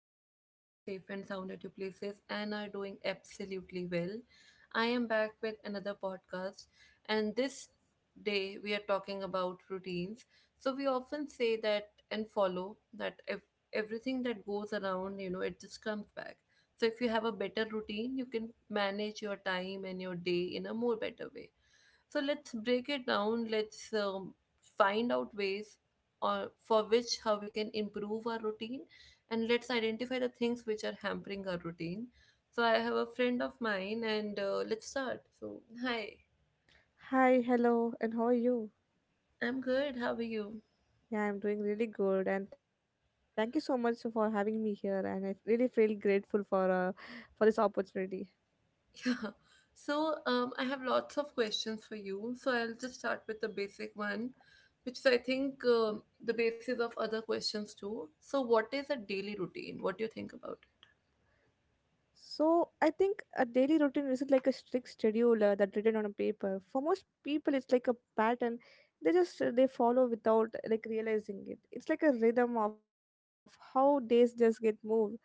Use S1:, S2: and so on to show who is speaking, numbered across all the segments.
S1: hope you guys are safe and sound at your places and are doing absolutely well. I am back with another podcast, and this day we are talking about routines. So, we often say that and follow that if everything that goes around, you know, it just comes back. So, if you have a better routine, you can manage your time and your day in a more better way. So let's break it down. Let's find out ways or for which how we can improve our routine, and let's identify the things which are hampering our routine. So I have a friend of mine, and let's start. So hi,
S2: Hi, hello, and how are you?
S1: I'm good. How are you?
S2: Yeah, I'm doing really good, and thank you so much for having me here. And I really feel grateful for this opportunity.
S1: Yeah. So I have lots of questions for you. So I'll just start with the basic one, which is I think the basis of other questions too. So what is a daily routine? What do you think about?
S2: So I think a daily routine isn't like a strict schedule that written on a paper. For most people, it's like a pattern. They just they follow without like realizing it. It's like a rhythm of how days just get moved,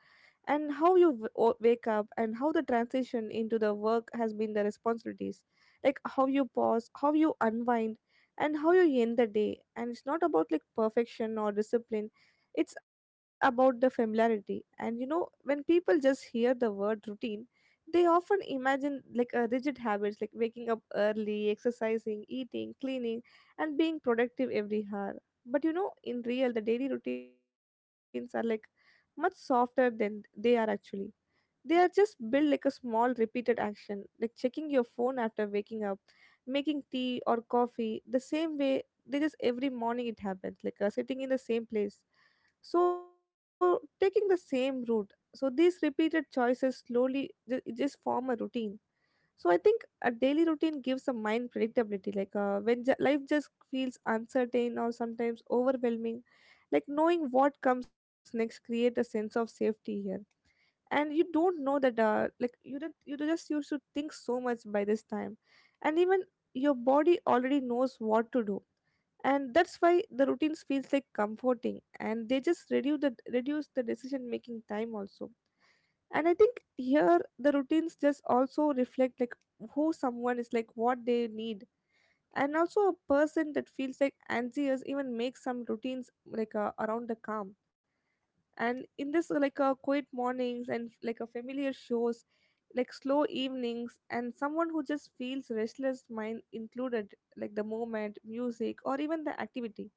S2: and how you wake up, and how the transition into the work has been the responsibilities, like how you pause, how you unwind, and how you end the day. And it's not about like perfection or discipline, it's about the familiarity. And you know, when people just hear the word routine, they often imagine like a rigid habits, like waking up early, exercising, eating, cleaning, and being productive every hour. But you know, in real, the daily routines are like much softer than they are actually. They are just built like a small repeated action, like checking your phone after waking up, making tea or coffee, the same way they just every morning it happens, like sitting in the same place. So taking the same route. So these repeated choices slowly it just form a routine. So I think a daily routine gives a mind predictability. Like when life just feels uncertain or sometimes overwhelming, like knowing what comes next create a sense of safety here. And you don't know that like you don't you do just used to think so much by this time, and even your body already knows what to do, and that's why the routines feels like comforting, and they just reduce the decision making time also. And I think here the routines just also reflect like who someone is, like what they need. And also a person that feels like anxious even makes some routines like around the calm, and in this quiet mornings, and like a familiar shows, like slow evenings. And someone who just feels restless mind included, like the moment music or even the activity.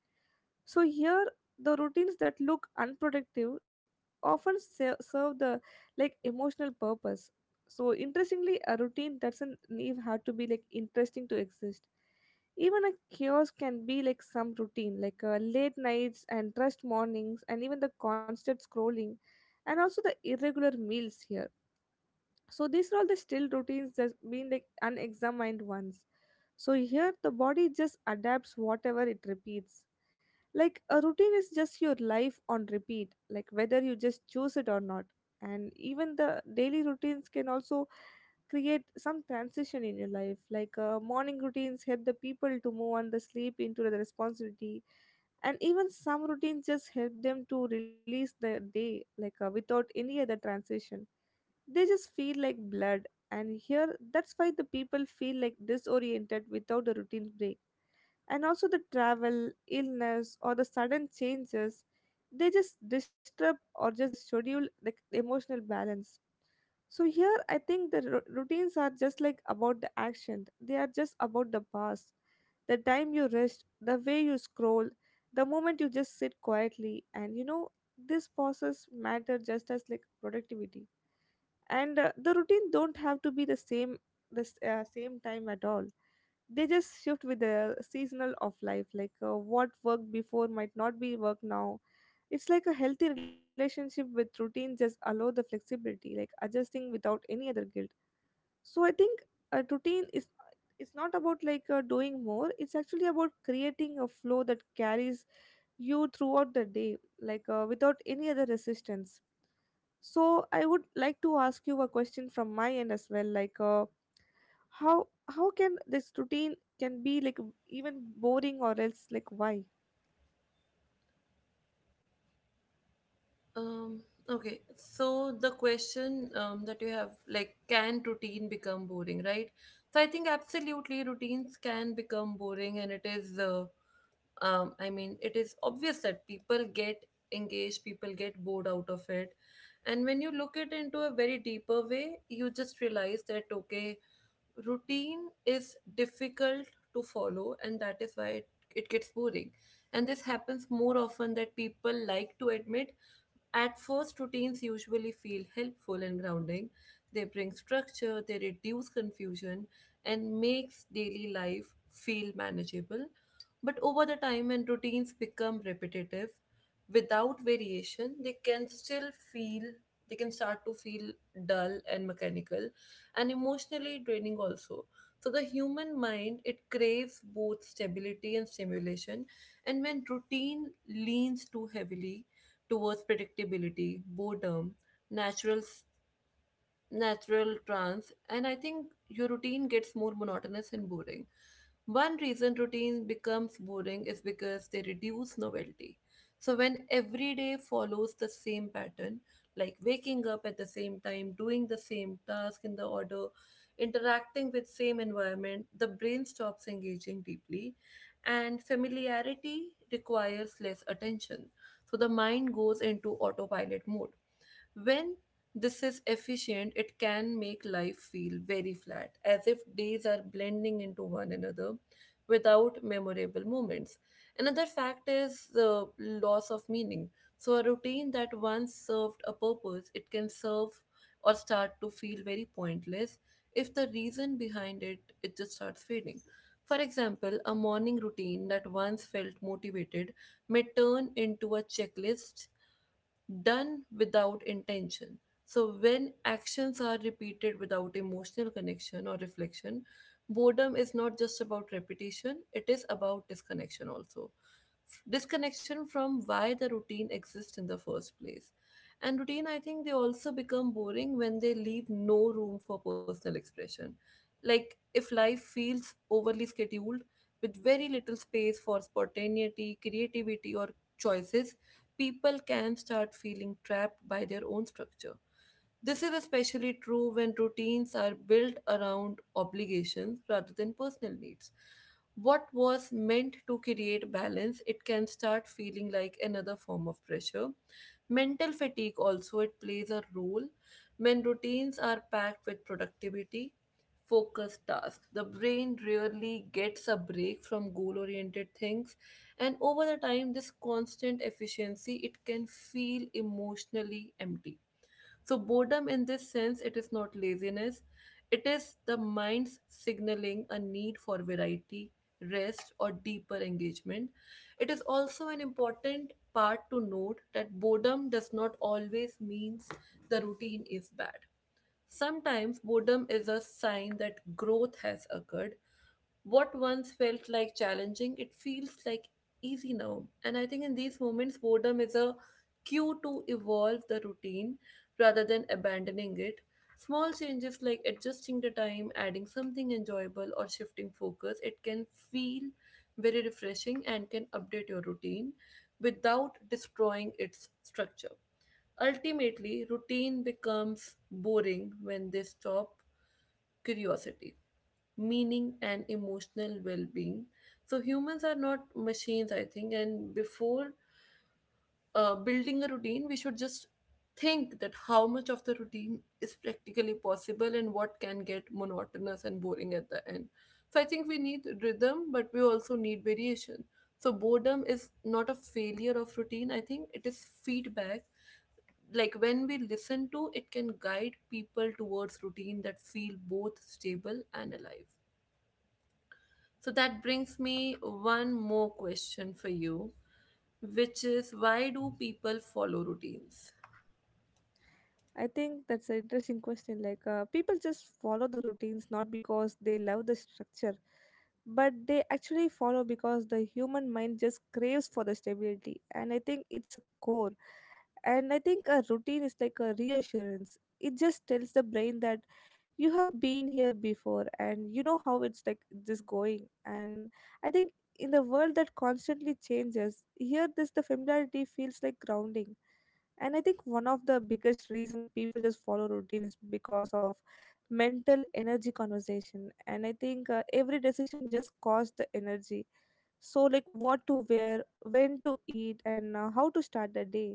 S2: So here, the routines that look unproductive often serve the like emotional purpose. So interestingly, a routine doesn't need have to be like interesting to exist. Even a chaos can be like some routine, like late nights and rushed mornings, and even the constant scrolling, and also the irregular meals here. So these are all the still routines that's been like unexamined ones. So here the body just adapts whatever it repeats. Like a routine is just your life on repeat, like whether you just choose it or not. And even the daily routines can also create some transition in your life. Like morning routines help the people to move on the sleep into the responsibility, and even some routines just help them to release the day, like without any other transition they just feel like blood. And here that's why the people feel like disoriented without the routine break, and also the travel illness or the sudden changes, they just disturb or just the schedule like emotional balance. So here I think the routines are just like about the action, they are just about the past, the time you rest, the way you scroll, the moment you just sit quietly. And you know, this process matter just as like productivity. And the routine don't have to be the same, the same time at all. They just shift with the seasonal of life, like what worked before might not be work now. It's like a healthy relationship with routine just allow the flexibility, like adjusting without any other guilt. So I think a routine is, it's not about like doing more, it's actually about creating a flow that carries you throughout the day, like without any other resistance. So I would like to ask you a question from my end as well, like how can this routine can be like even boring, or else like why?
S1: Um, okay, so the question that you have, like, can routine become boring, right? So I think absolutely routines can become boring, and it is, I mean, it is obvious that people get engaged, people get bored out of it. And when you look it into a very deeper way, you just realize that, okay, routine is difficult to follow, and that is why it gets boring. And this happens more often that people like to admit at first, routines usually feel helpful and grounding. They bring structure, they reduce confusion, and makes daily life feel manageable. But over the time, when routines become repetitive, without variation, they can still feel they can start to feel dull and mechanical and emotionally draining also. So the human mind it craves both stability and stimulation, and when routine leans too heavily towards predictability, boredom, natural natural trance, and I think your routine gets more monotonous and boring. One reason routine becomes boring is because they reduce novelty. So when every day follows the same pattern, like waking up at the same time, doing the same task in the order, interacting with same environment, the brain stops engaging deeply, and familiarity requires less attention. So the mind goes into autopilot mode. When this is efficient, it can make life feel very flat, as if days are blending into one another without memorable moments. Another fact is the loss of meaning. So, a routine that once served a purpose, it can serve or start to feel very pointless if the reason behind it just starts fading. For example, a morning routine that once felt motivated may turn into a checklist done without intention. So, when actions are repeated without emotional connection or reflection, boredom is not just about repetition, it is about disconnection also. Disconnection from why the routine exists in the first place. And routine, I think they also become boring when they leave no room for personal expression. Like if life feels overly scheduled with very little space for spontaneity, creativity, or choices, people can start feeling trapped by their own structure. This is especially true when routines are built around obligations rather than personal needs. What was meant to create balance, it can start feeling like another form of pressure. Mental fatigue also it plays a role when routines are packed with productivity, focused tasks. The brain rarely gets a break from goal oriented things, and over the time this constant efficiency it can feel emotionally empty. So boredom in this sense it is not laziness, it is the mind's signaling a need for variety, rest, or deeper engagement. It is also an important part to note that boredom does not always means the routine is bad. Sometimes boredom is a sign that growth has occurred. What once felt like challenging, it feels like easy now. And I think in these moments, boredom is a cue to evolve the routine rather than abandoning it. Small changes like adjusting the time, adding something enjoyable, or shifting focus, it can feel very refreshing and can update your routine without destroying its structure. Ultimately, routine becomes boring when they stop curiosity, meaning, and emotional well-being. So humans are not machines I think, and before building a routine we should just think that how much of the routine is practically possible and what can get monotonous and boring at the end. So I think we need rhythm but we also need variation. So boredom is not a failure of routine, I think it is feedback. Like when we listen to it can guide people towards routine that feel both stable and alive. So that brings me one more question for you, which is why do people follow routines?
S2: I think that's an interesting question. Like people just follow the routines not because they love the structure, but they actually follow because the human mind just craves for the stability, and I think it's a core. And I think a routine is like a reassurance. It just tells the brain that you have been here before, and you know how it's like this going. And I think in the world that constantly changes here, this the familiarity feels like grounding. And I think one of the biggest reason people just follow routine is because of mental energy conversation. And I think every decision just costs the energy. So like what to wear, when to eat, and how to start the day.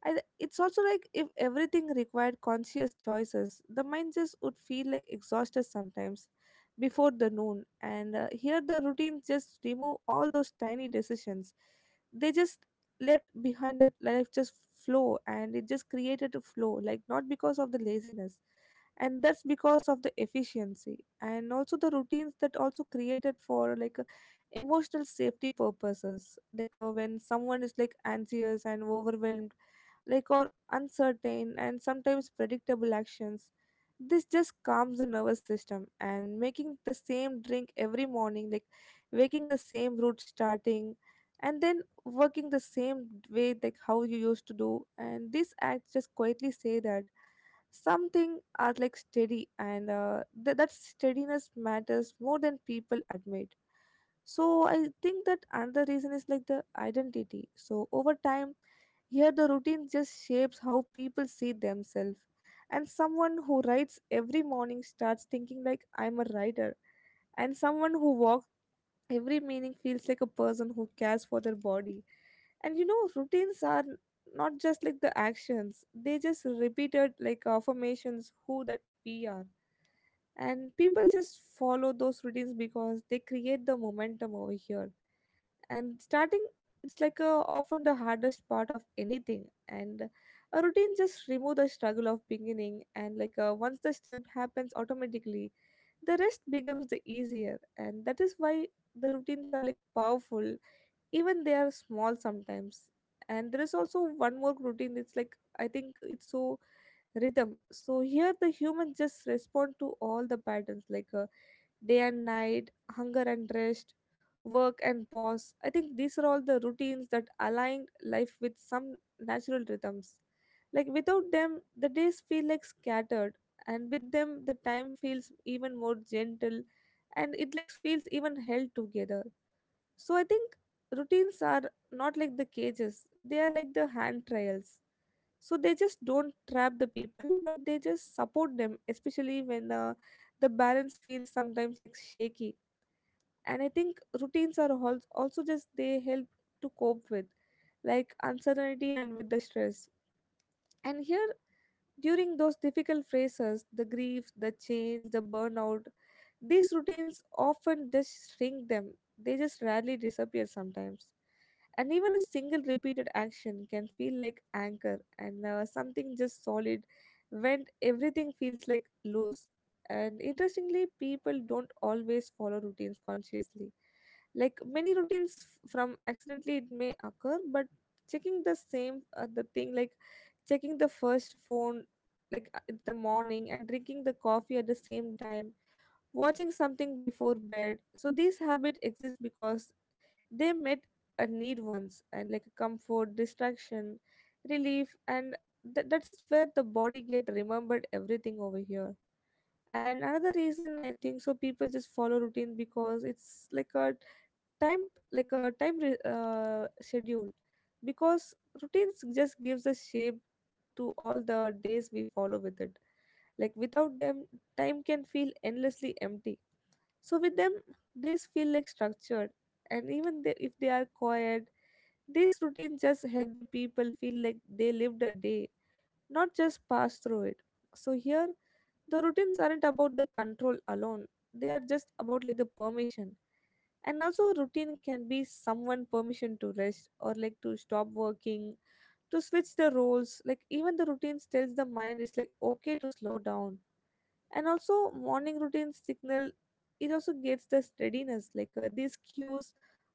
S2: It's also like if everything required conscious choices, the mind just would feel like exhausted sometimes before the noon. And here the routines just remove all those tiny decisions. They just let behind that life just flow, and it just created a flow, like not because of the laziness. And that's because of the efficiency. And also the routines that also created for like emotional safety purposes. Like when someone is like anxious and overwhelmed, like or uncertain, and sometimes predictable actions. This just calms the nervous system. And making the same drink every morning, like waking the same route starting, and then working the same way like how you used to do, and this act just quietly say that something are like steady. And that steadiness matters more than people admit. So I think that another reason is like the identity. So over time here, the routine just shapes how people see themselves. And someone who writes every morning starts thinking like I'm a writer. And someone who walks every meaning feels like a person who cares for their body. And you know, routines are not just like the actions, they just repeated like affirmations who that we are. And people just follow those routines because they create the momentum over here. And starting, it's like a, often the hardest part of anything. And a routine just remove the struggle of beginning, and like once the step happens automatically, the rest becomes the easier, and that is why the routines are like powerful, even they are small sometimes. And there is also one more routine, it's like I think it's so rhythm. So here the humans just respond to all the patterns, like day and night, hunger and rest, work and pause. I think these are all the routines that align life with some natural rhythms. Like without them, the days feel like scattered, and with them, the time feels even more gentle, and it like feels even held together. So I think routines are not like the cages, they are like the hand trials. So they just don't trap the people, but they just support them, especially when the balance feels sometimes like shaky. And I think routines are also just they help to cope with like uncertainty and with the stress. And here during those difficult phases, the grief, the change, the burnout, these routines often just shrink them, they just rarely disappear sometimes. And even a single repeated action can feel like anchor, and something just solid when everything feels like loose. And interestingly, people don't always follow routines consciously, like many routines from accidentally it may occur. But checking the same the thing, like checking the first phone, like in the morning, and drinking the coffee at the same time, watching something before bed. So these habits exist because they met a need once, and like a comfort, distraction, relief, and that is where the body get remembered everything over here. And another reason I think so people just follow routine because it's like a time, like a time schedule. Because routines just gives a shape to all the days we follow with it. Like without them, time can feel endlessly empty. So with them, days feel like structured, and even they, if they are quiet, these routines just help the people feel like they lived a day, not just pass through it. So here, the routines aren't about the control alone; they are just about like the permission. And also, a routine can be someone permission to rest or like to stop working, to switch the roles. Like even the routines tells the mind it's like okay to slow down, and also morning routine signal, it also gets the steadiness like these cues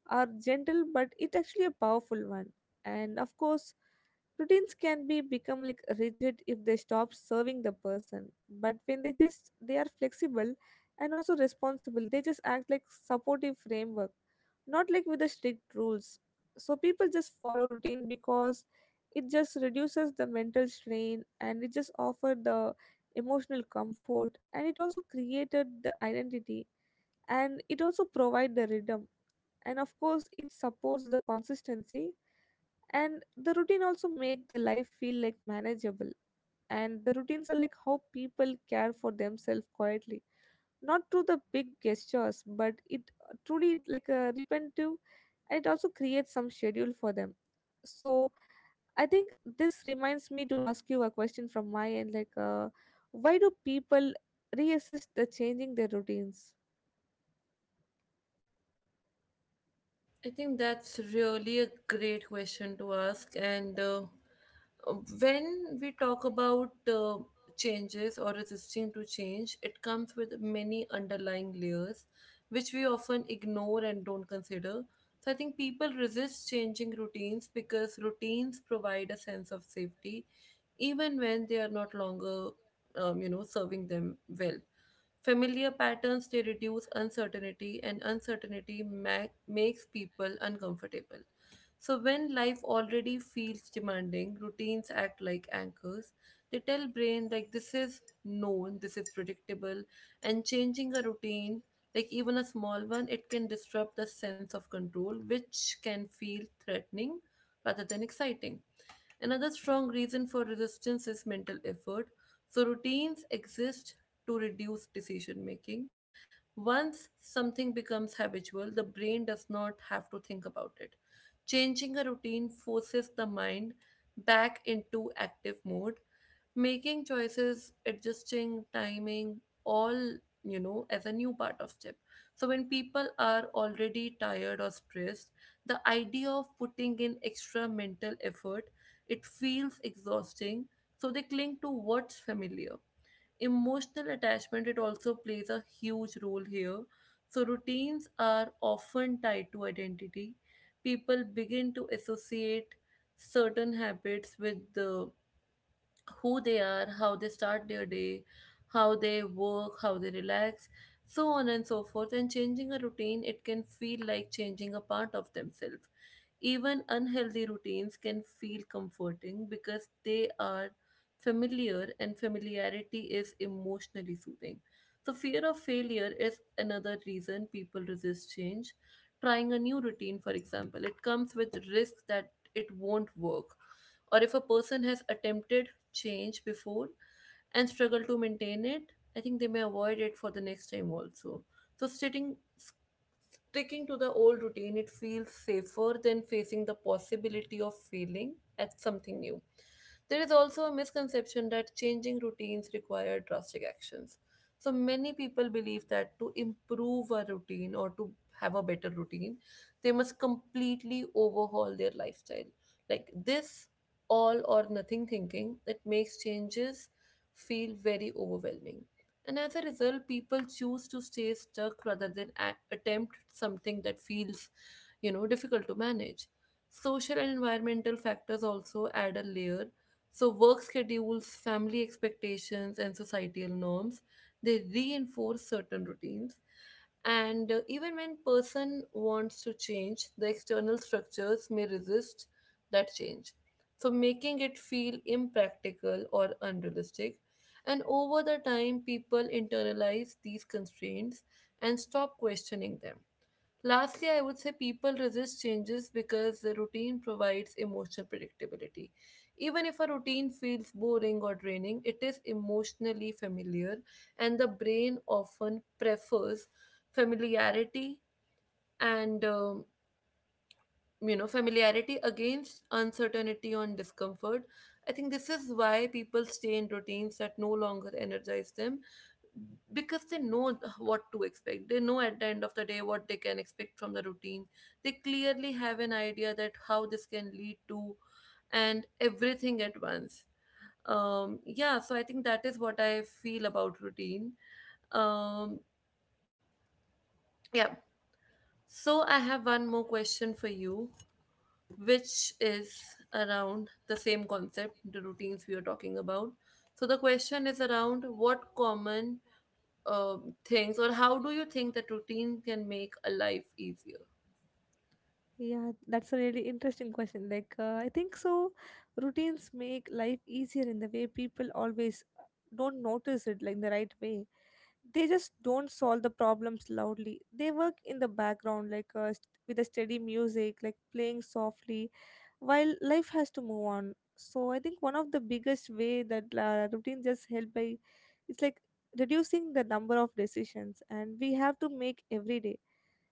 S2: are gentle, but it actually a powerful one. And of course routines can be become like rigid if they stop serving the person, but when they are flexible and also responsible, they just act like supportive framework, not like with the strict rules. So people just follow routine because it just reduces the mental strain, and it just offer the emotional comfort, and it also created the identity, and it also provide the rhythm, and of course it supports the consistency. And the routine also make the life feel like manageable, and the routines are like how people care for themselves quietly, not through the big gestures, but it truly like a repetitive, and it also creates some schedule for them. So I think this reminds me to ask you a question from my end like why do people reassess the changing their routines?
S1: I think that's really a great question to ask. And when we talk about changes or resisting to change, it comes with many underlying layers which we often ignore and don't consider. So I think people resist changing routines because routines provide a sense of safety even when they are not longer you know serving them well. Familiar patterns they reduce uncertainty, and uncertainty makes people uncomfortable. So when life already feels demanding routines act like anchors. They tell brain like this is known, this is predictable, and changing a routine, like even a small one, it can disrupt the sense of control which can feel threatening rather than exciting. Another strong reason for resistance is mental effort. So, routines exist to reduce decision making. Once something becomes habitual, the brain does not have to think about it. Changing a routine forces the mind back into active mode, making choices, adjusting timing, all you know as a new part of chip. So when people are already tired or stressed, the idea of putting in extra mental effort it feels exhausting, so they cling to what's familiar. Emotional attachment it also plays a huge role here. So routines are often tied to identity. People begin to associate certain habits with the who they are, how they start their day, how they work, how they relax, so on and so forth. And changing a routine, it can feel like changing a part of themselves. Even unhealthy routines can feel comforting because they are familiar, and familiarity is emotionally soothing. So, fear of failure is another reason people resist change. Trying a new routine, for example, it comes with risk that it won't work. Or if a person has attempted change before and struggle to maintain it, I think they may avoid it for the next time also. So, sitting sticking to the old routine, it feels safer than facing the possibility of failing at something new. There is also a misconception that changing routines require drastic actions. So many people believe that to improve a routine or to have a better routine, they must completely overhaul their lifestyle. Like this all or nothing thinking, it makes changes feel very overwhelming. And as a result, people choose to stay stuck rather than attempt something that feels, you know, difficult to manage. Social and environmental factors also add a layer. So work schedules, family expectations, and societal norms, they reinforce certain routines. And even when person wants to change, the external structures may resist that change, so making it feel impractical or unrealistic. And over the time, people internalize these constraints and stop questioning them. Lastly, I would say people resist changes because the routine provides emotional predictability. Even if a routine feels boring or draining, it is emotionally familiar, and the brain often prefers familiarity, and you know, familiarity against uncertainty on discomfort. I think this is why people stay in routines that no longer energize them, because they know what to expect. They know at the end of the day what they can expect from the routine. They clearly have an idea that how this can lead to and everything at once. Yeah, so I think that is what I feel about routine. Um yeah, so I have one more question for you, which is around the same concept, the routines we are talking about. So the question is around what common uh things or how do you think that routine can make a life easier?
S2: Yeah, that's a really interesting question. Like, I think so. Routines make life easier in the way people always don't notice it, like the right way. They just don't solve the problems loudly. They work in the background, like with a steady music, like playing softly, while life has to move on. So I think one of the biggest way that routine just help by, it's like reducing the number of decisions, and we have to make every day.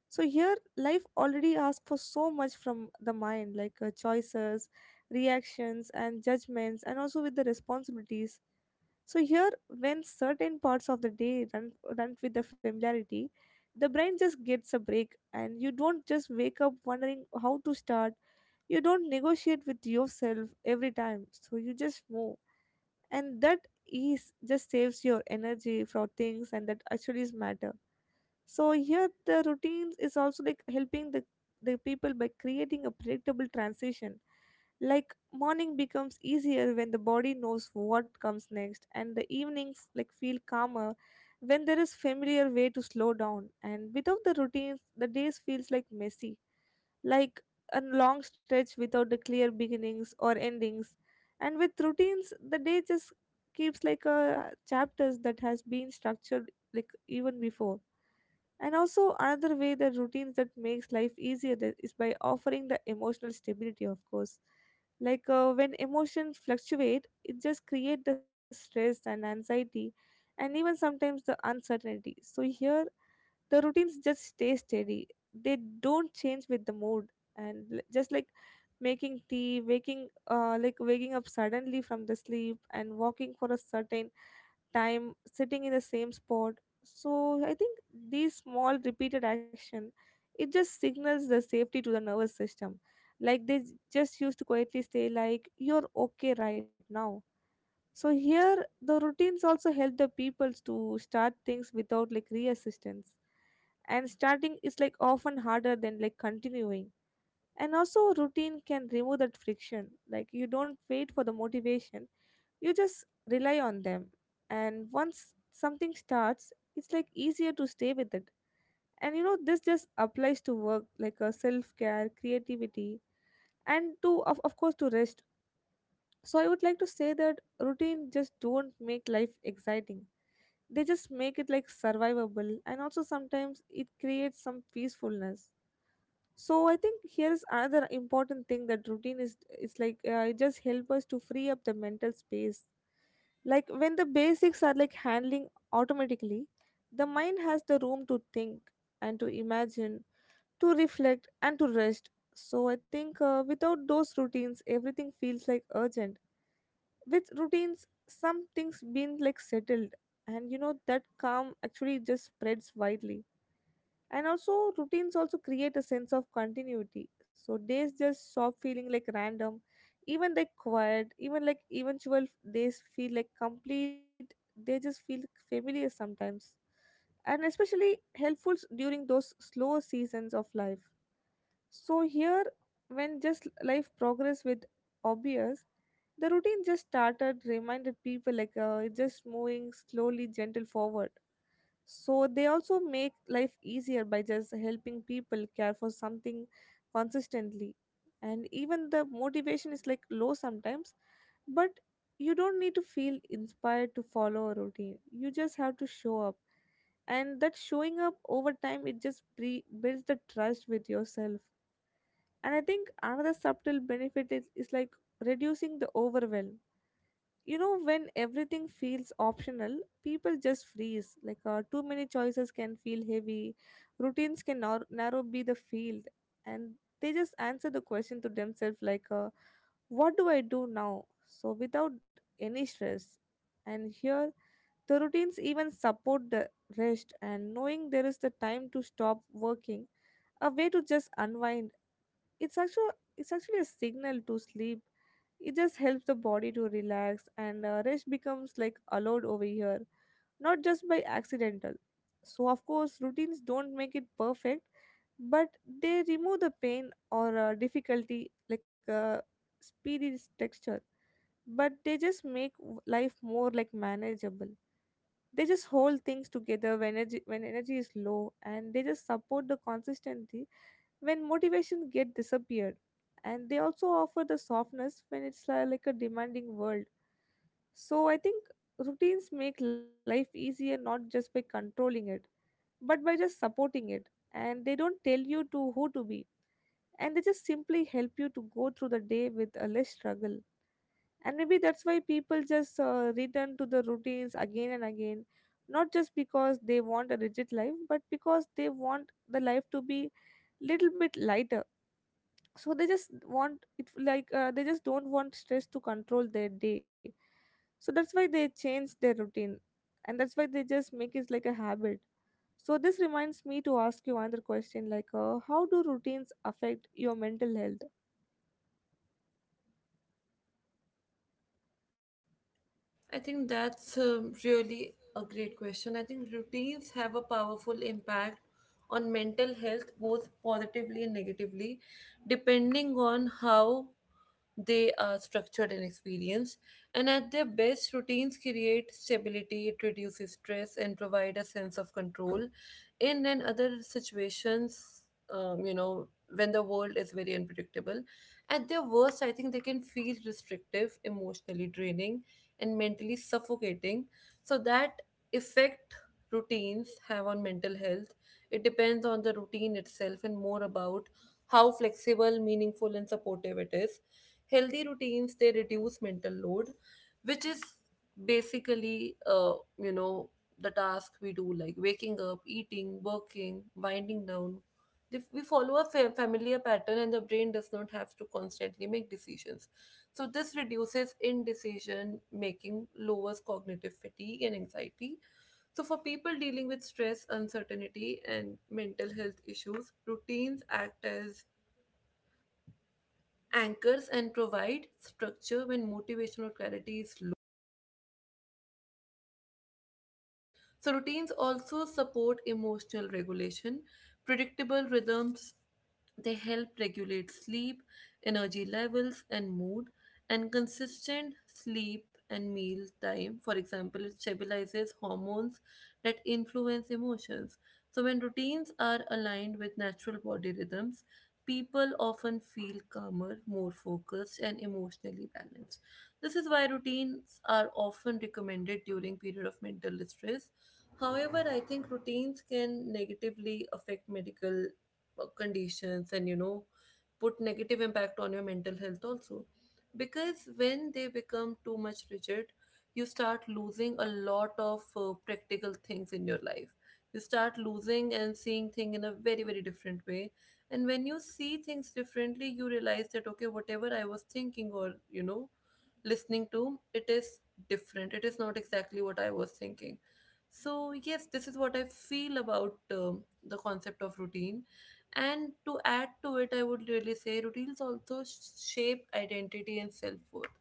S2: So here, life already asks for so much from the mind, like choices, reactions, and judgments, and also with the responsibilities. So here, when certain parts of the day run with the familiarity, the brain just gets a break, and you don't just wake up wondering how to start. You don't negotiate with yourself every time, so you just move, and that ease just saves your energy for things and that actually is matter. So here the routines is also like helping the people by creating a predictable transition. Like morning becomes easier when the body knows what comes next, and the evenings like feel calmer when there is familiar way to slow down. And without the routines the days feels like messy, like a long stretch without the clear beginnings or endings. And with routines the day just keeps like a chapters that has been structured like even before. And also another way the routines that makes life easier, that is by offering the emotional stability, of course. Like when emotions fluctuate it just create the stress and anxiety, and even sometimes the uncertainty. So here the routines just stay steady, they don't change with the mood. And just like making tea, waking like waking up suddenly from the sleep, and walking for a certain time, sitting in the same spot. So I think these small repeated action, it just signals the safety to the nervous system. Like just used to quietly say like you're okay right now. So here the routines also help the peoples to start things without like reassistance. And starting is like often harder than like continuing. And also routine can remove that friction, like you don't wait for the motivation, you just rely on them. And once something starts it's like easier to stay with it. And you know this just applies to work, like self-care, creativity, and to of course, to rest. So I would like to say that routine just don't make life exciting, they just make it like survivable, and also sometimes it creates some peacefulness. So I think here is another important thing that routine is, it's like it just help us to free up the mental space. Like when the basics are like handling automatically, the mind has the room to think, and to imagine, to reflect, and to rest. So I think without those routines everything feels like urgent. With routines, some things been like settled, and you know that calm actually just spreads widely. And also routines also create a sense of continuity, so days just stop feeling like random. Even like quiet, even like eventual days feel like complete, they just feel familiar sometimes, and especially helpful during those slow seasons of life. So here, when just life progress with obvious, the routine just started reminded people like it's just moving slowly gentle forward. So they also make life easier by just helping people care for something consistently. And even the motivation is like low sometimes, but you don't need to feel inspired to follow a routine. You just have to show up. And that showing up over time, it just builds the trust with yourself. And I think another subtle benefit is like reducing the overwhelm. You know when everything feels optional, people just freeze, like too many choices can feel heavy. Routines can narrow be the field, and they just answer the question to themselves like what do I do now, so without any stress. And here the routines even support the rest, and knowing there is the time to stop working, a way to just unwind, it's actually a signal to sleep. It just helps the body to relax, and rest becomes like allowed over here, not just by accidental. So of course routines don't make it perfect, but they remove the pain or difficulty like a speedy texture. But they just life more like manageable. They just hold things together when energy is low, and they just support the consistency when motivation get disappeared. And they also offer the softness when it's like a demanding world. So I think routines make life easier not just by controlling it, but by just supporting it. And they don't tell you to who to be, and they just simply help you to go through the day with a less struggle. And maybe that's why people just return to the routines again and again, not just because they want a rigid life, but because they want the life to be little bit lighter. So they just want it like they just don't want stress to control their day. So that's why they change their routine, and that's why they just make it like a habit. So this reminds me to ask you another question like how do routines affect your mental health?
S1: I think that's really a great question. I think routines have a powerful impact on mental health, both positively and negatively, depending on how they are structured and experienced. And at their best, routines create stability, it reduces stress, and provide a sense of control. In and other situations, you know, when the world is very unpredictable, at their worst, I think they can feel restrictive, emotionally draining, and mentally suffocating. So that effect routines have on mental health, it depends on the routine itself and more about how flexible, meaningful, and supportive it is. Healthy routines they reduce mental load, which is basically the task we do like waking up, eating, working, winding down. If we follow a familiar pattern and the brain does not have to constantly make decisions, so this reduces indecision making, lowers cognitive fatigue and anxiety. So, for people dealing with stress, uncertainty, and mental health issues, routines act as anchors and provide structure when motivational clarity is low. So, routines also support emotional regulation, predictable rhythms. They help regulate sleep, energy levels, and mood, and consistent sleep and meal time, for example, it stabilizes hormones that influence emotions. So, when routines are aligned with natural body rhythms, people often feel calmer, more focused, and emotionally balanced. This is why routines are often recommended during period of mental distress. However, I think routines can negatively affect medical conditions and put negative impact on your mental health also, because when they become too much rigid, you start losing a lot of practical things in your life. You start losing and seeing things in a very very different way, and when you see things differently you realize that okay, whatever I was thinking or listening to, it is different. It is not exactly what I was thinking. So, yes, this is what I feel about the concept of routine. And to add to it, I would really say routines also shape identity and self worth.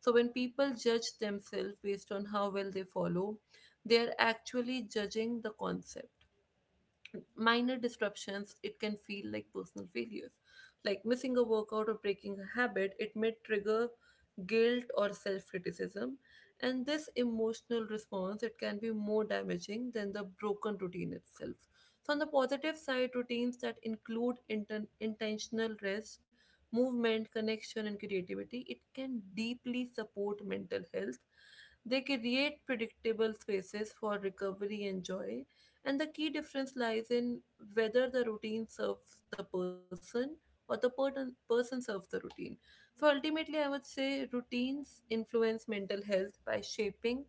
S1: So, when people judge themselves based on how well they follow, they are actually judging the concept. Minor disruptions, it can feel like personal failures. Like missing a workout or breaking a habit, it may trigger guilt or self-criticism, and this emotional response, it can be more damaging than the broken routine itself. So on the positive side, routines that include intentional rest, movement, connection, and creativity, it can deeply support mental health. They create predictable spaces for recovery and joy, and the key difference lies in whether the routine serves the person or the person serves the routine. So ultimately, I would say routines influence mental health by shaping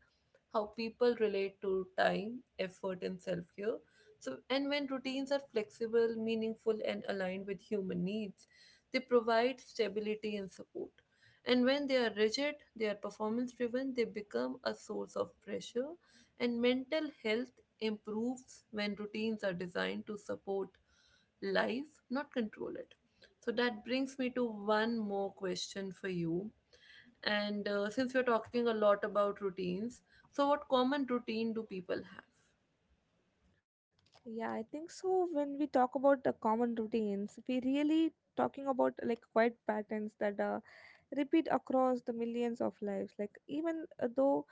S1: how people relate to time, effort, and self care. So, and when routines are flexible, meaningful, and aligned with human needs, they provide stability and support. And when they are rigid, they are performance driven, they become a source of pressure. And mental health improves when routines are designed to support life, not control it. So that brings me to one more question for you. And since we're talking a lot about routines, so what common routine do people have?
S2: Yeah, I think so. When we talk about the common routines, we really talking about like quiet patterns that repeat across the millions of lives. Like even though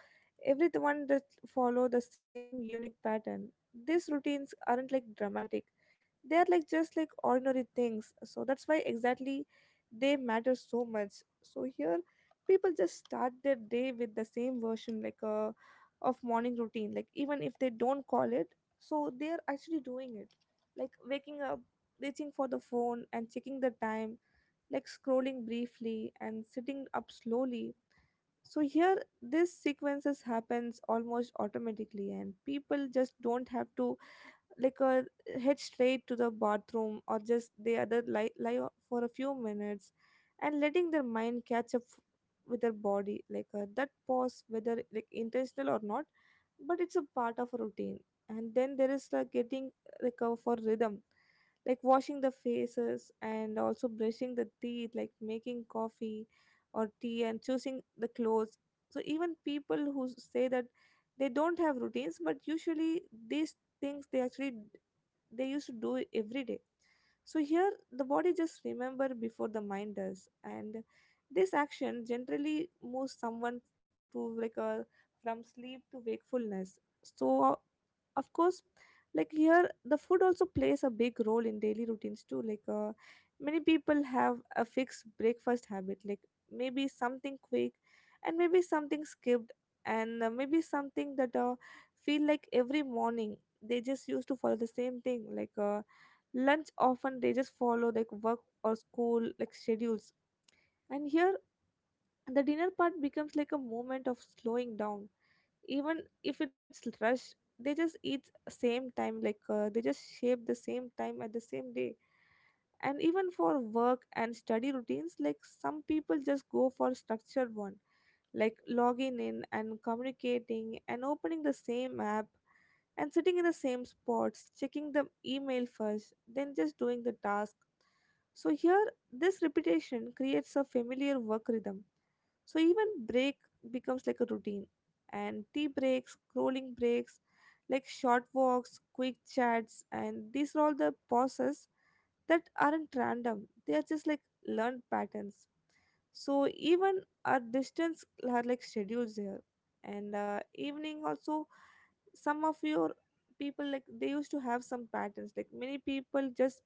S2: everyone that follow the same unique pattern, these routines aren't like dramatic, they are like just like ordinary things, so that's why exactly they matter so much. So here people just start their day with the same version like of morning routine, like even if they don't call it, so they are actually doing it. Like waking up, reaching for the phone and checking the time, like scrolling briefly and sitting up slowly. So here this sequences happens almost automatically, and people just don't have to like head straight to the bathroom, or just the other for a few minutes and letting their mind catch up with their body. Like that pause, whether like intentional or not, but it's a part of a routine. And then there is like getting like for rhythm, like washing the faces and also brushing the teeth, like making coffee or tea and choosing the clothes. So even people who say that they don't have routines, but usually these things they actually they used to do every day. So here the body just remember before the mind does, and this action generally moves someone to like a from sleep to wakefulness. So of course, like here the food also plays a big role in daily routines too. Like many people have a fixed breakfast habit, like maybe something quick, and maybe something skipped, and maybe something that feel like every morning they just used to follow the same thing. Like lunch often they just follow like work or school like schedules. And here the dinner part becomes like a moment of slowing down, even if it's rush, they just eat same time, like they just shape the same time at the same day. And even for work and study routines, like some people just go for structured one, like logging in and communicating and opening the same app and sitting in the same spots, checking the email first, then just doing the task. So here, this repetition creates a familiar work rhythm. So even break becomes like a routine. And tea breaks, scrolling breaks, like short walks, quick chats, and these are all the pauses that aren't random. They are just like learned patterns, so even our distance are like schedules here, and evening also, some of your people like they used to have some patterns. Like many people just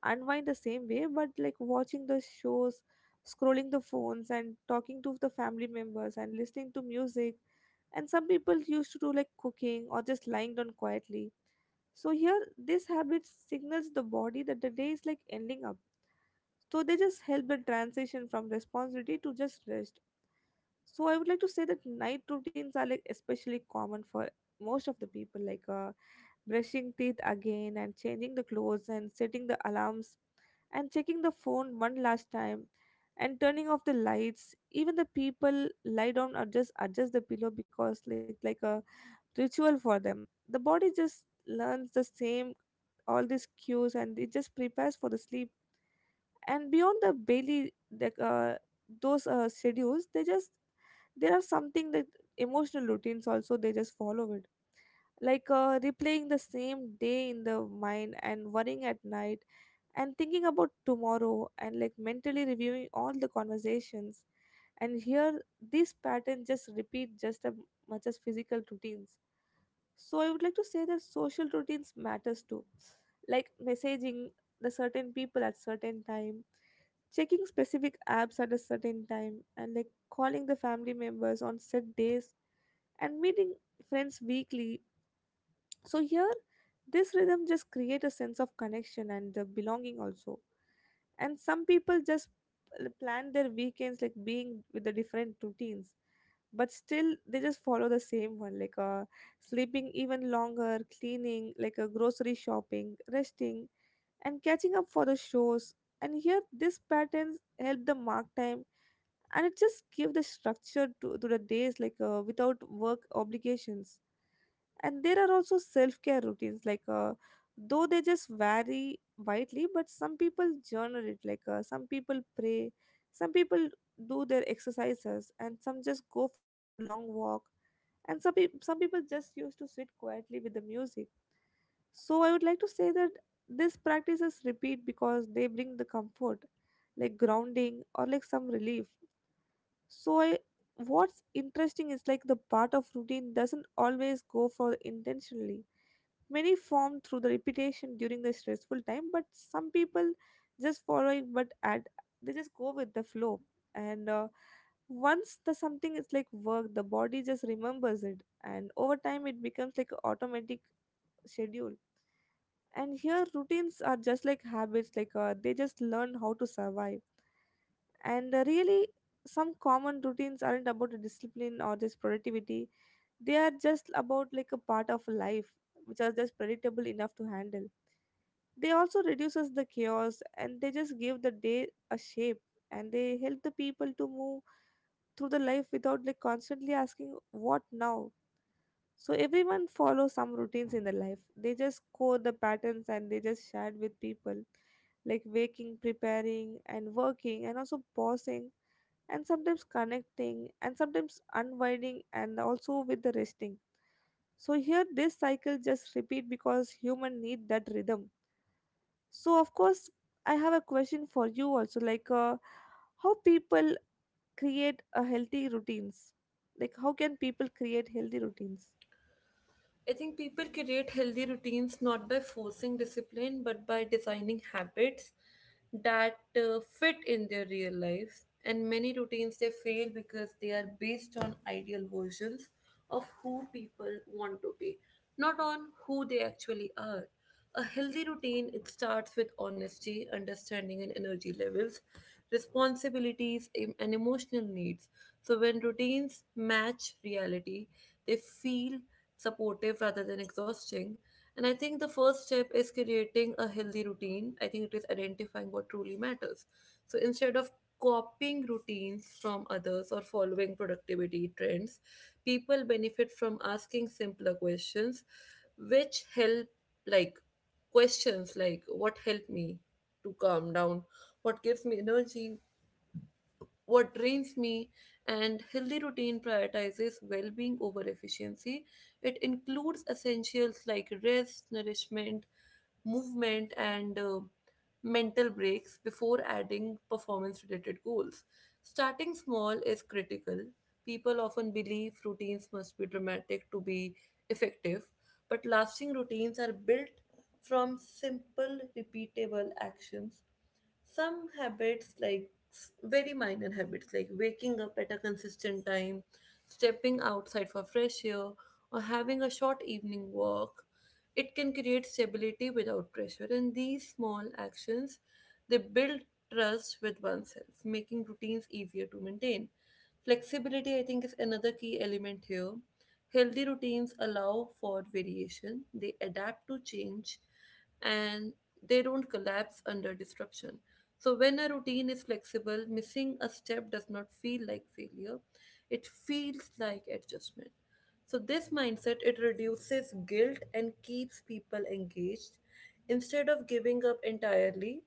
S2: unwind the same way, but like watching the shows, scrolling the phones, and talking to the family members, and listening to music. And some people used to do like cooking or just lying down quietly. So here, this habit signals the body that the day is like ending up. So they just help the transition from responsibility to just rest. So I would like to say that night routines are like especially common for most of the people, like brushing teeth again, and changing the clothes, and setting the alarms, and checking the phone one last time, and turning off the lights. Even the people lie down or just adjust the pillow because like a ritual for them. The body just learns the same all these cues, and it just prepares for the sleep. And beyond the daily, like those schedules, they just there are something that emotional routines also they just follow it, like replaying the same day in the mind, and worrying at night, and thinking about tomorrow, and like mentally reviewing all the conversations. And here these patterns just repeat just as much as physical routines. So I would like to say that social routines matters too, like messaging the certain people at certain time, checking specific apps at a certain time, and like calling the family members on set days, and meeting friends weekly. So here this rhythm just create a sense of connection and the belonging also. And some people just plan their weekends like being with the different routines, but still they just follow the same one, like sleeping even longer, cleaning, like a grocery shopping, resting, and catching up for the shows. And here, these patterns help the mark time, and it just give the structure to the days, like without work obligations. And there are also self care routines, like though they just vary widely, but some people journal it, like some people pray, some people do their exercises, and some just go for a long walk. And some people just used to sit quietly with the music. So I would like to say that these practices repeat because they bring the comfort, like grounding or like some relief. So I, what's interesting is like the part of routine doesn't always go for intentionally. Many form through the repetition during the stressful time, but some people just follow it, but at they just go with the flow. And once the something is like work, the body just remembers it, and over time it becomes like a automatic schedule. And here routines are just like habits, like they just learn how to survive. And really some common routines aren't about a discipline or just productivity, they are just about like a part of life, which are just predictable enough to handle. They also reduces the chaos, and they just give the day a shape, and they help the people to move through the life without like constantly asking what now. So everyone follows some routines in their life. They just code the patterns, and they just share with people, like waking, preparing, and working, and also pausing, and sometimes connecting, and sometimes unwinding, and also with the resting. So here, this cycle just repeat because human need that rhythm. So of course, I have a question for you also, like how people create a healthy routines. Like how can people create healthy routines?
S1: I think people create healthy routines not by forcing discipline but by designing habits that fit in their real lives. And many routines they fail because they are based on ideal versions of who people want to be, not on who they actually are. A healthy routine it starts with honesty, understanding and energy levels, responsibilities and emotional needs. So when routines match reality, they feel supportive rather than exhausting. And I think the first step is creating a healthy routine. I think it is identifying what truly matters. So instead of copying routines from others or following productivity trends, people benefit from asking simpler questions, which help, like questions like what helped me to calm down, what gives me energy, what drains me. And healthy routine prioritizes well-being over efficiency. It includes essentials like rest, nourishment, movement, and mental breaks before adding performance related goals. Starting small is critical. People often believe routines must be dramatic to be effective, but lasting routines are built from simple repeatable actions. Some habits, like very minor habits like waking up at a consistent time, stepping outside for fresh air, or having a short evening walk, it can create stability without pressure, and these small actions they build trust with oneself, making routines easier to maintain. Flexibility, I think, is another key element here. Healthy routines allow for variation, they adapt to change, and they don't collapse under disruption. So, when a routine is flexible, missing a step does not feel like failure, it feels like adjustment. So this mindset it reduces guilt and keeps people engaged instead of giving up entirely.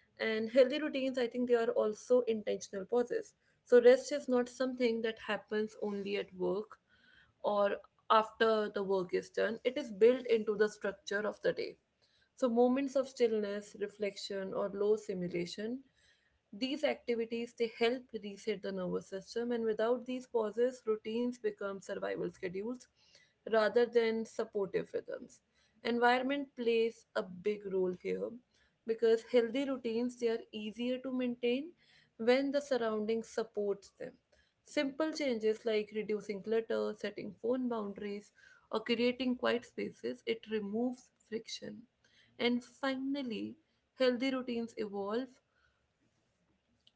S1: And healthy routines, I think they are also intentional pauses. So rest is not something that happens only at work or after the work is done, it is built into the structure of the day. So, moments of stillness, reflection, or low simulation, these activities they help reset the nervous system, and without these pauses, routines become survival schedules rather than supportive rhythms. Environment plays a big role here, because healthy routines they are easier to maintain when the surroundings supports them. Simple changes like reducing clutter, setting phone boundaries, or creating quiet spaces, it removes friction. And finally, healthy routines evolve,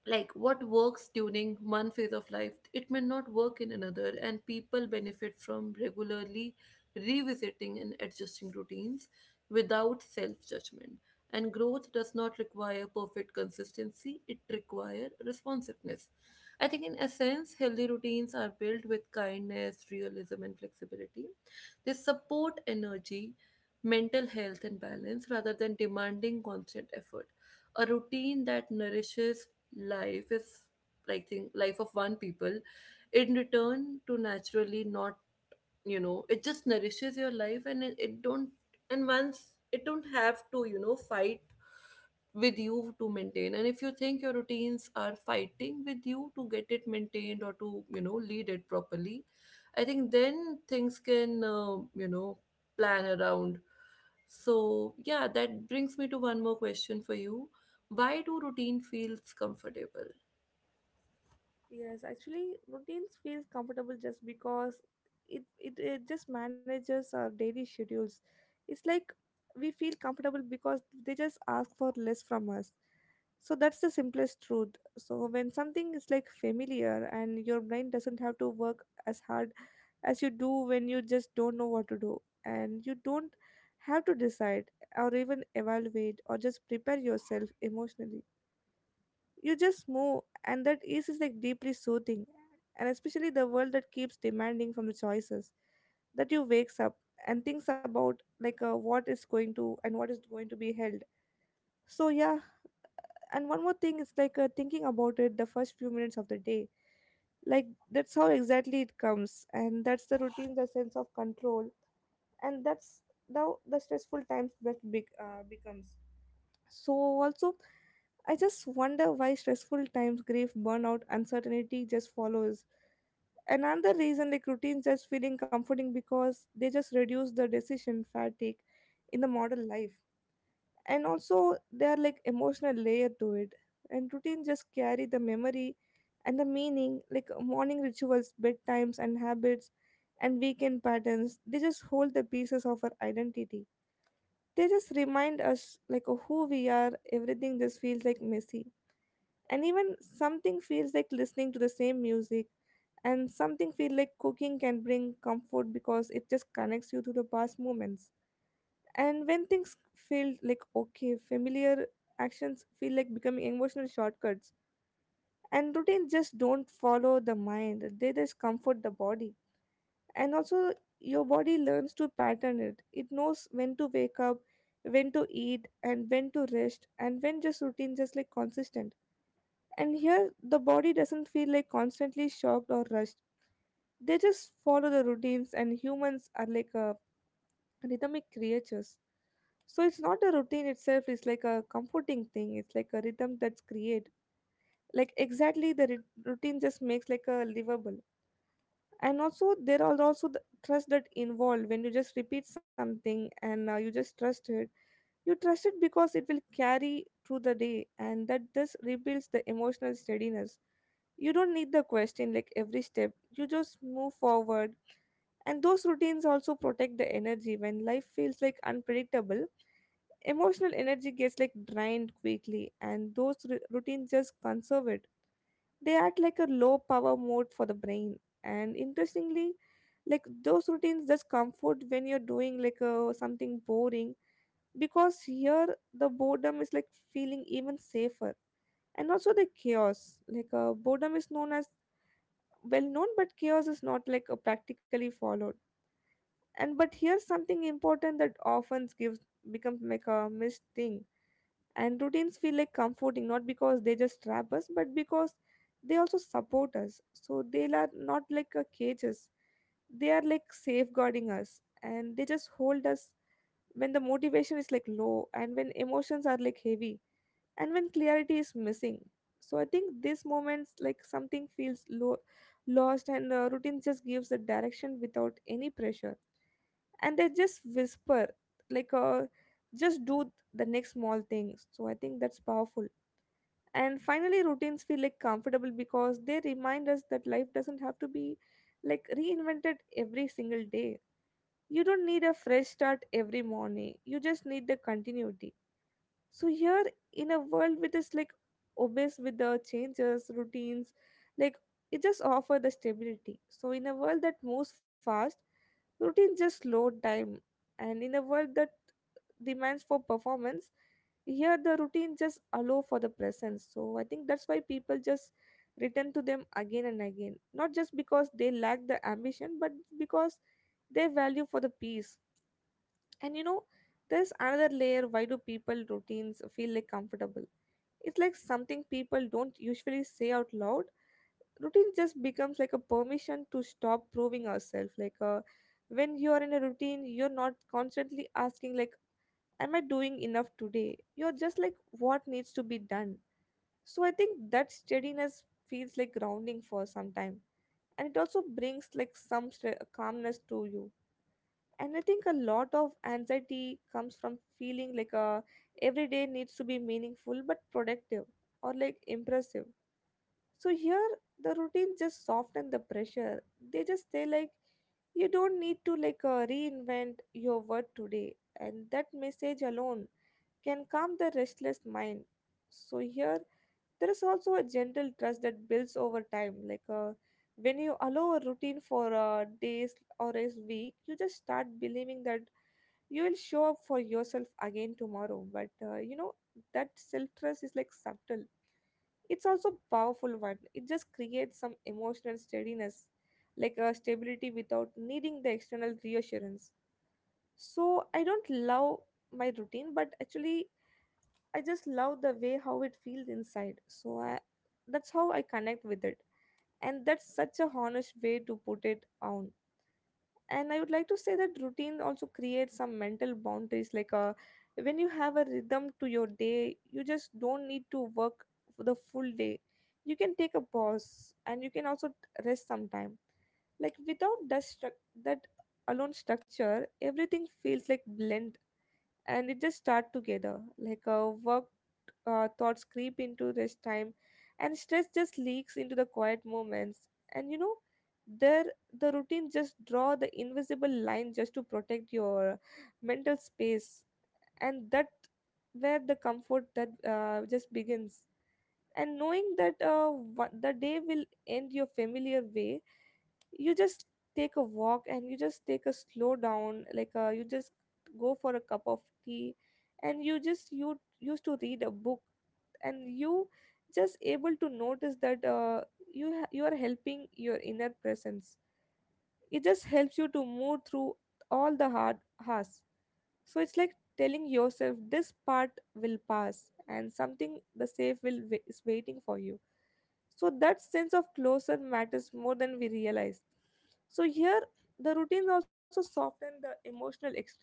S1: like what works during one phase of life it may not work in another, and people benefit from regularly revisiting and adjusting routines without self judgment. And growth does not require perfect consistency, it requires responsiveness. I think in essence healthy routines are built with kindness, realism, and flexibility. They support energy, mental health, and balance rather than demanding constant effort. A routine that nourishes life is like think life of one people in return to naturally not it just nourishes your life. And it don't, and once it don't have to fight with you to maintain. And if you think your routines are fighting with you to get it maintained or to lead it properly, I think then things can plan around. So yeah, that brings me to one more question for you. Why do routine feels comfortable?
S2: Yes, actually, routines feels comfortable just because it just manages our daily schedules. It's like we feel comfortable because they just ask for less from us. So that's the simplest truth. So when something is like familiar, and your brain doesn't have to work as hard as you do when you just don't know what to do, and you don't have to decide or even evaluate or just prepare yourself emotionally, you just move, and that ease is like deeply soothing. And especially the world that keeps demanding from the choices that you wakes up and thinks about, like what is going to and what is going to be held. So yeah. And one more thing, it's like thinking about it the first few minutes of the day, like that's how exactly it comes, and that's the routine, the sense of control. And that's the stressful times that big, becomes. So also I just wonder why stressful times, grief, burnout, uncertainty just follows. Another reason, like routines just feeling comforting because they just reduce the decision fatigue in the modern life. And also there are like emotional layer to it. And routine just carry the memory and the meaning, like morning rituals, bedtimes, and habits, and weekend patterns. They just hold the pieces of our identity. They just remind us like of who we are, everything just feels like messy. And even something feels like listening to the same music, and something feel like cooking can bring comfort because it just connects you to the past moments. And when things feel like okay, familiar actions feel like becoming emotional shortcuts. And routines just don't follow the mind, they just comfort the body. And also your body learns to pattern it, it knows when to wake up, when to eat, and when to rest. And when just routine just like consistent, and here the body doesn't feel like constantly shocked or rushed, they just follow the routines. And humans are like a rhythmic creatures, so it's not a routine itself, it's like a comforting thing, it's like a rhythm that's create, like exactly the routine just makes like a livable. And also there are also the trust that involved when you just repeat something, and you just trust it. You trust it because it will carry through the day, and that just rebuilds the emotional steadiness. You don't need the question like every step, you just move forward. And those routines also protect the energy when life feels like unpredictable. Emotional energy gets like drained quickly, and those routines just conserve it. They act like a low power mode for the brain. And interestingly, like those routines just comfort when you're doing like a, something boring, because here the boredom is like feeling even safer. And also the chaos, like boredom is known as well known, but chaos is not like practically followed. And but here's something important that often gives becomes like a missed thing. And routines feel like comforting not because they just trap us, but because they also support us. So they are not like a cages, they are like safeguarding us, and they just hold us when the motivation is like low, and when emotions are like heavy, and when clarity is missing. So I think these moments like something feels low lost, and routine just gives a direction without any pressure. And they just whisper, like just do the next small things. So I think that's powerful. And finally routines feel like comfortable because they remind us that life doesn't have to be like reinvented every single day. You don't need a fresh start every morning, you just need the continuity. So here in a world which is like obsessed with the changes, routines, like, it just offer the stability. So in a world that moves fast, routine just slow time. And in a world that demands for performance, here the routine just allow for the presence. So I think that's why people just return to them again and again, not just because they lack the ambition, but because they value for the peace. And you know, there's another layer, why do people routines feel like comfortable? It's like something people don't usually say out loud. Routine just becomes like a permission to stop proving ourselves. Like when you're in a routine, you're not constantly asking like, "Am I doing enough today?" You're just like, "What needs to be done?" So I think that steadiness feels like grounding for some time, and it also brings like some calmness to you. And I think a lot of anxiety comes from feeling like a every day needs to be meaningful but productive or like impressive. So here the routine just soften the pressure, they just say like you don't need to like reinvent your word today, and that message alone can calm the restless mind. So here there is also a gentle trust that builds over time, like when you allow a routine for days or a week, you just start believing that you will show up for yourself again tomorrow. But you know, that self trust is like subtle, it's also powerful one, it just creates some emotional steadiness, like a stability without needing the external reassurance. So I don't love my routine, but actually I just love the way how it feels inside, so I that's how I connect with it. And that's such a honest way to put it on. And I would like to say that routine also creates some mental boundaries, like when you have a rhythm to your day, you just don't need to work for the full day, you can take a pause, and you can also rest sometime. Like without that that alone structure, everything feels like blend, and it just start together like a work, thoughts creep into rest time, and stress just leaks into the quiet moments. And you know, there the routine just draw the invisible line just to protect your mental space. And that where the comfort that just begins. And knowing that what, the day will end your familiar way, you just take a walk, and you just take a slow down, like you just go for a cup of tea, and you just you used to read a book, and you just able to notice that you are helping your inner presence. It just helps you to move through all the hard has. So it's like telling yourself this part will pass, and something the safe will is waiting for you. So that sense of closer matters more than we realize. So here the routines also soften the emotional extremes.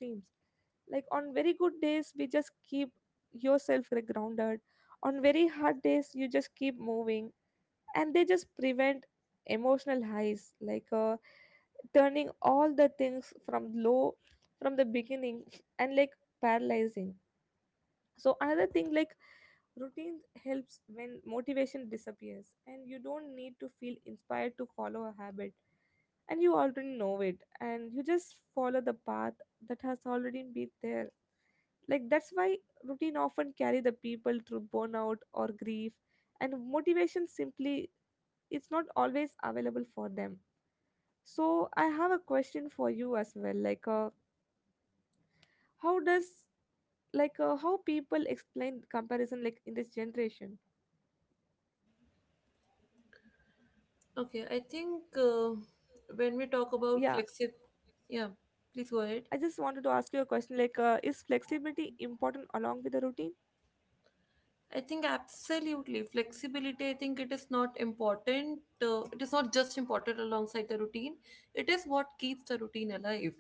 S2: Like on very good days we just keep yourself like, grounded. On very hard days you just keep moving, and they just prevent emotional highs, like turning all the things from low from the beginning and like paralyzing. So another thing, like routine helps when motivation disappears, and you don't need to feel inspired to follow a habit, and you already know it, and you just follow the path that has already been there. Like that's why routine often carry the people through burnout or grief, and motivation simply it's not always available for them. So I have a question for you as well, like how does like how people explain comparison like in this generation.
S1: Okay, I think when we talk about
S2: Yeah,
S1: flexi, yeah, please go ahead.
S2: I just wanted to ask you a question like is flexibility important along with the routine?
S1: I think absolutely flexibility. I think it is not important. It is not just important alongside the routine. It is what keeps the routine alive,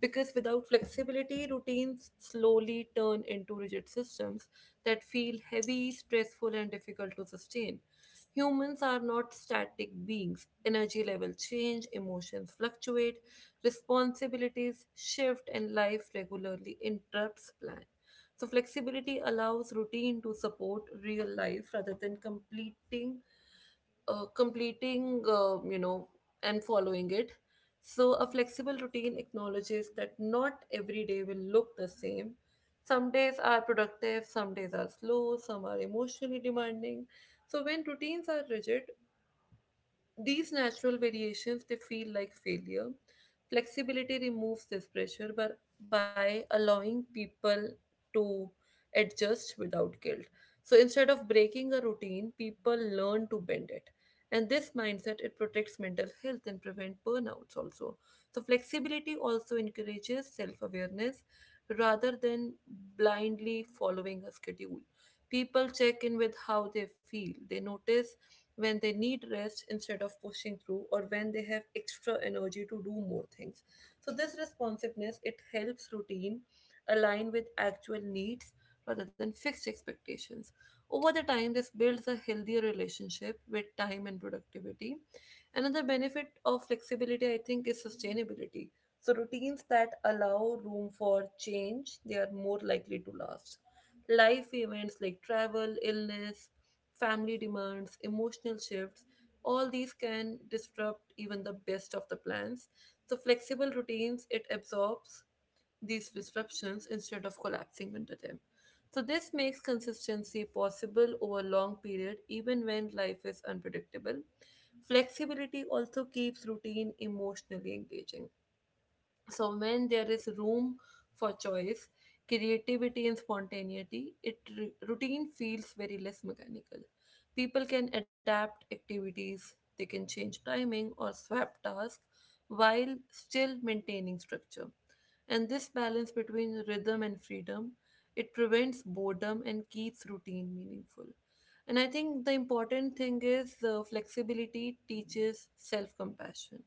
S1: because without flexibility, routines slowly turn into rigid systems that feel heavy, stressful, and difficult to sustain. Humans are not static beings. Energy levels change, emotions fluctuate, responsibilities shift, and life regularly interrupts plans. So flexibility allows routine to support real life rather than completing, completing, and following it. So a flexible routine acknowledges that not every day will look the same. Some days are productive, some days are slow, some are emotionally demanding. So when routines are rigid, these natural variations they feel like failure. Flexibility removes this pressure but by allowing people to adjust without guilt. So instead of breaking a routine, people learn to bend it. And this mindset it protects mental health and prevent burnouts also. So flexibility also encourages self-awareness rather than blindly following a schedule. People check in with how they feel. They notice when they need rest instead of pushing through, or when they have extra energy to do more things. So this responsiveness it helps routine align with actual needs rather than fixed expectations. Over the time this builds a healthier relationship with time and productivity. Another benefit of flexibility, I think, is sustainability. So routines that allow room for change, they are more likely to last. Life events like travel, illness, family demands, emotional shifts, all these can disrupt even the best of the plans. So flexible routines, it absorbs these disruptions instead of collapsing into them. So this makes consistency possible over long period even when life is unpredictable. Flexibility also keeps routine emotionally engaging. So, when there is room for choice, creativity, and spontaneity, it routine feels very less mechanical. People can adapt activities, they can change timing or swap tasks while still maintaining structure. And this balance between rhythm and freedom, it prevents boredom and keeps routine meaningful. And I think the important thing is flexibility teaches self compassion.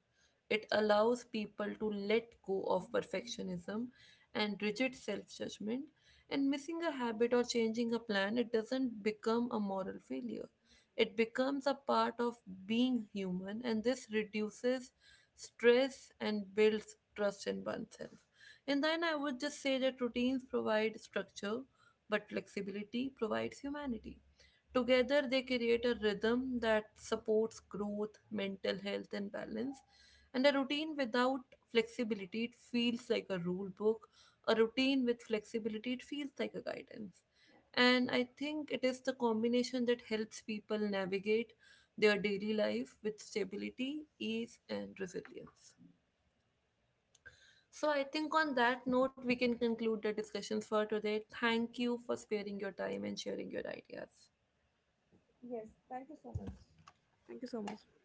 S1: It allows people to let go of perfectionism and rigid self judgment, and missing a habit or changing a plan, it doesn't become a moral failure. It becomes a part of being human, and this reduces stress and builds trust in oneself. And then I would just say that routines provide structure, but flexibility provides humanity. Together, they create a rhythm that supports growth, mental health, and balance. And a routine without flexibility, it feels like a rule book. A routine with flexibility, it feels like a guidance. And I think it is the combination that helps people navigate their daily life with stability, ease, and resilience. So I think on that note, we can conclude the discussions for today. Thank you for sparing your time and sharing your ideas.
S2: Yes, thank you so much. Thank you so much.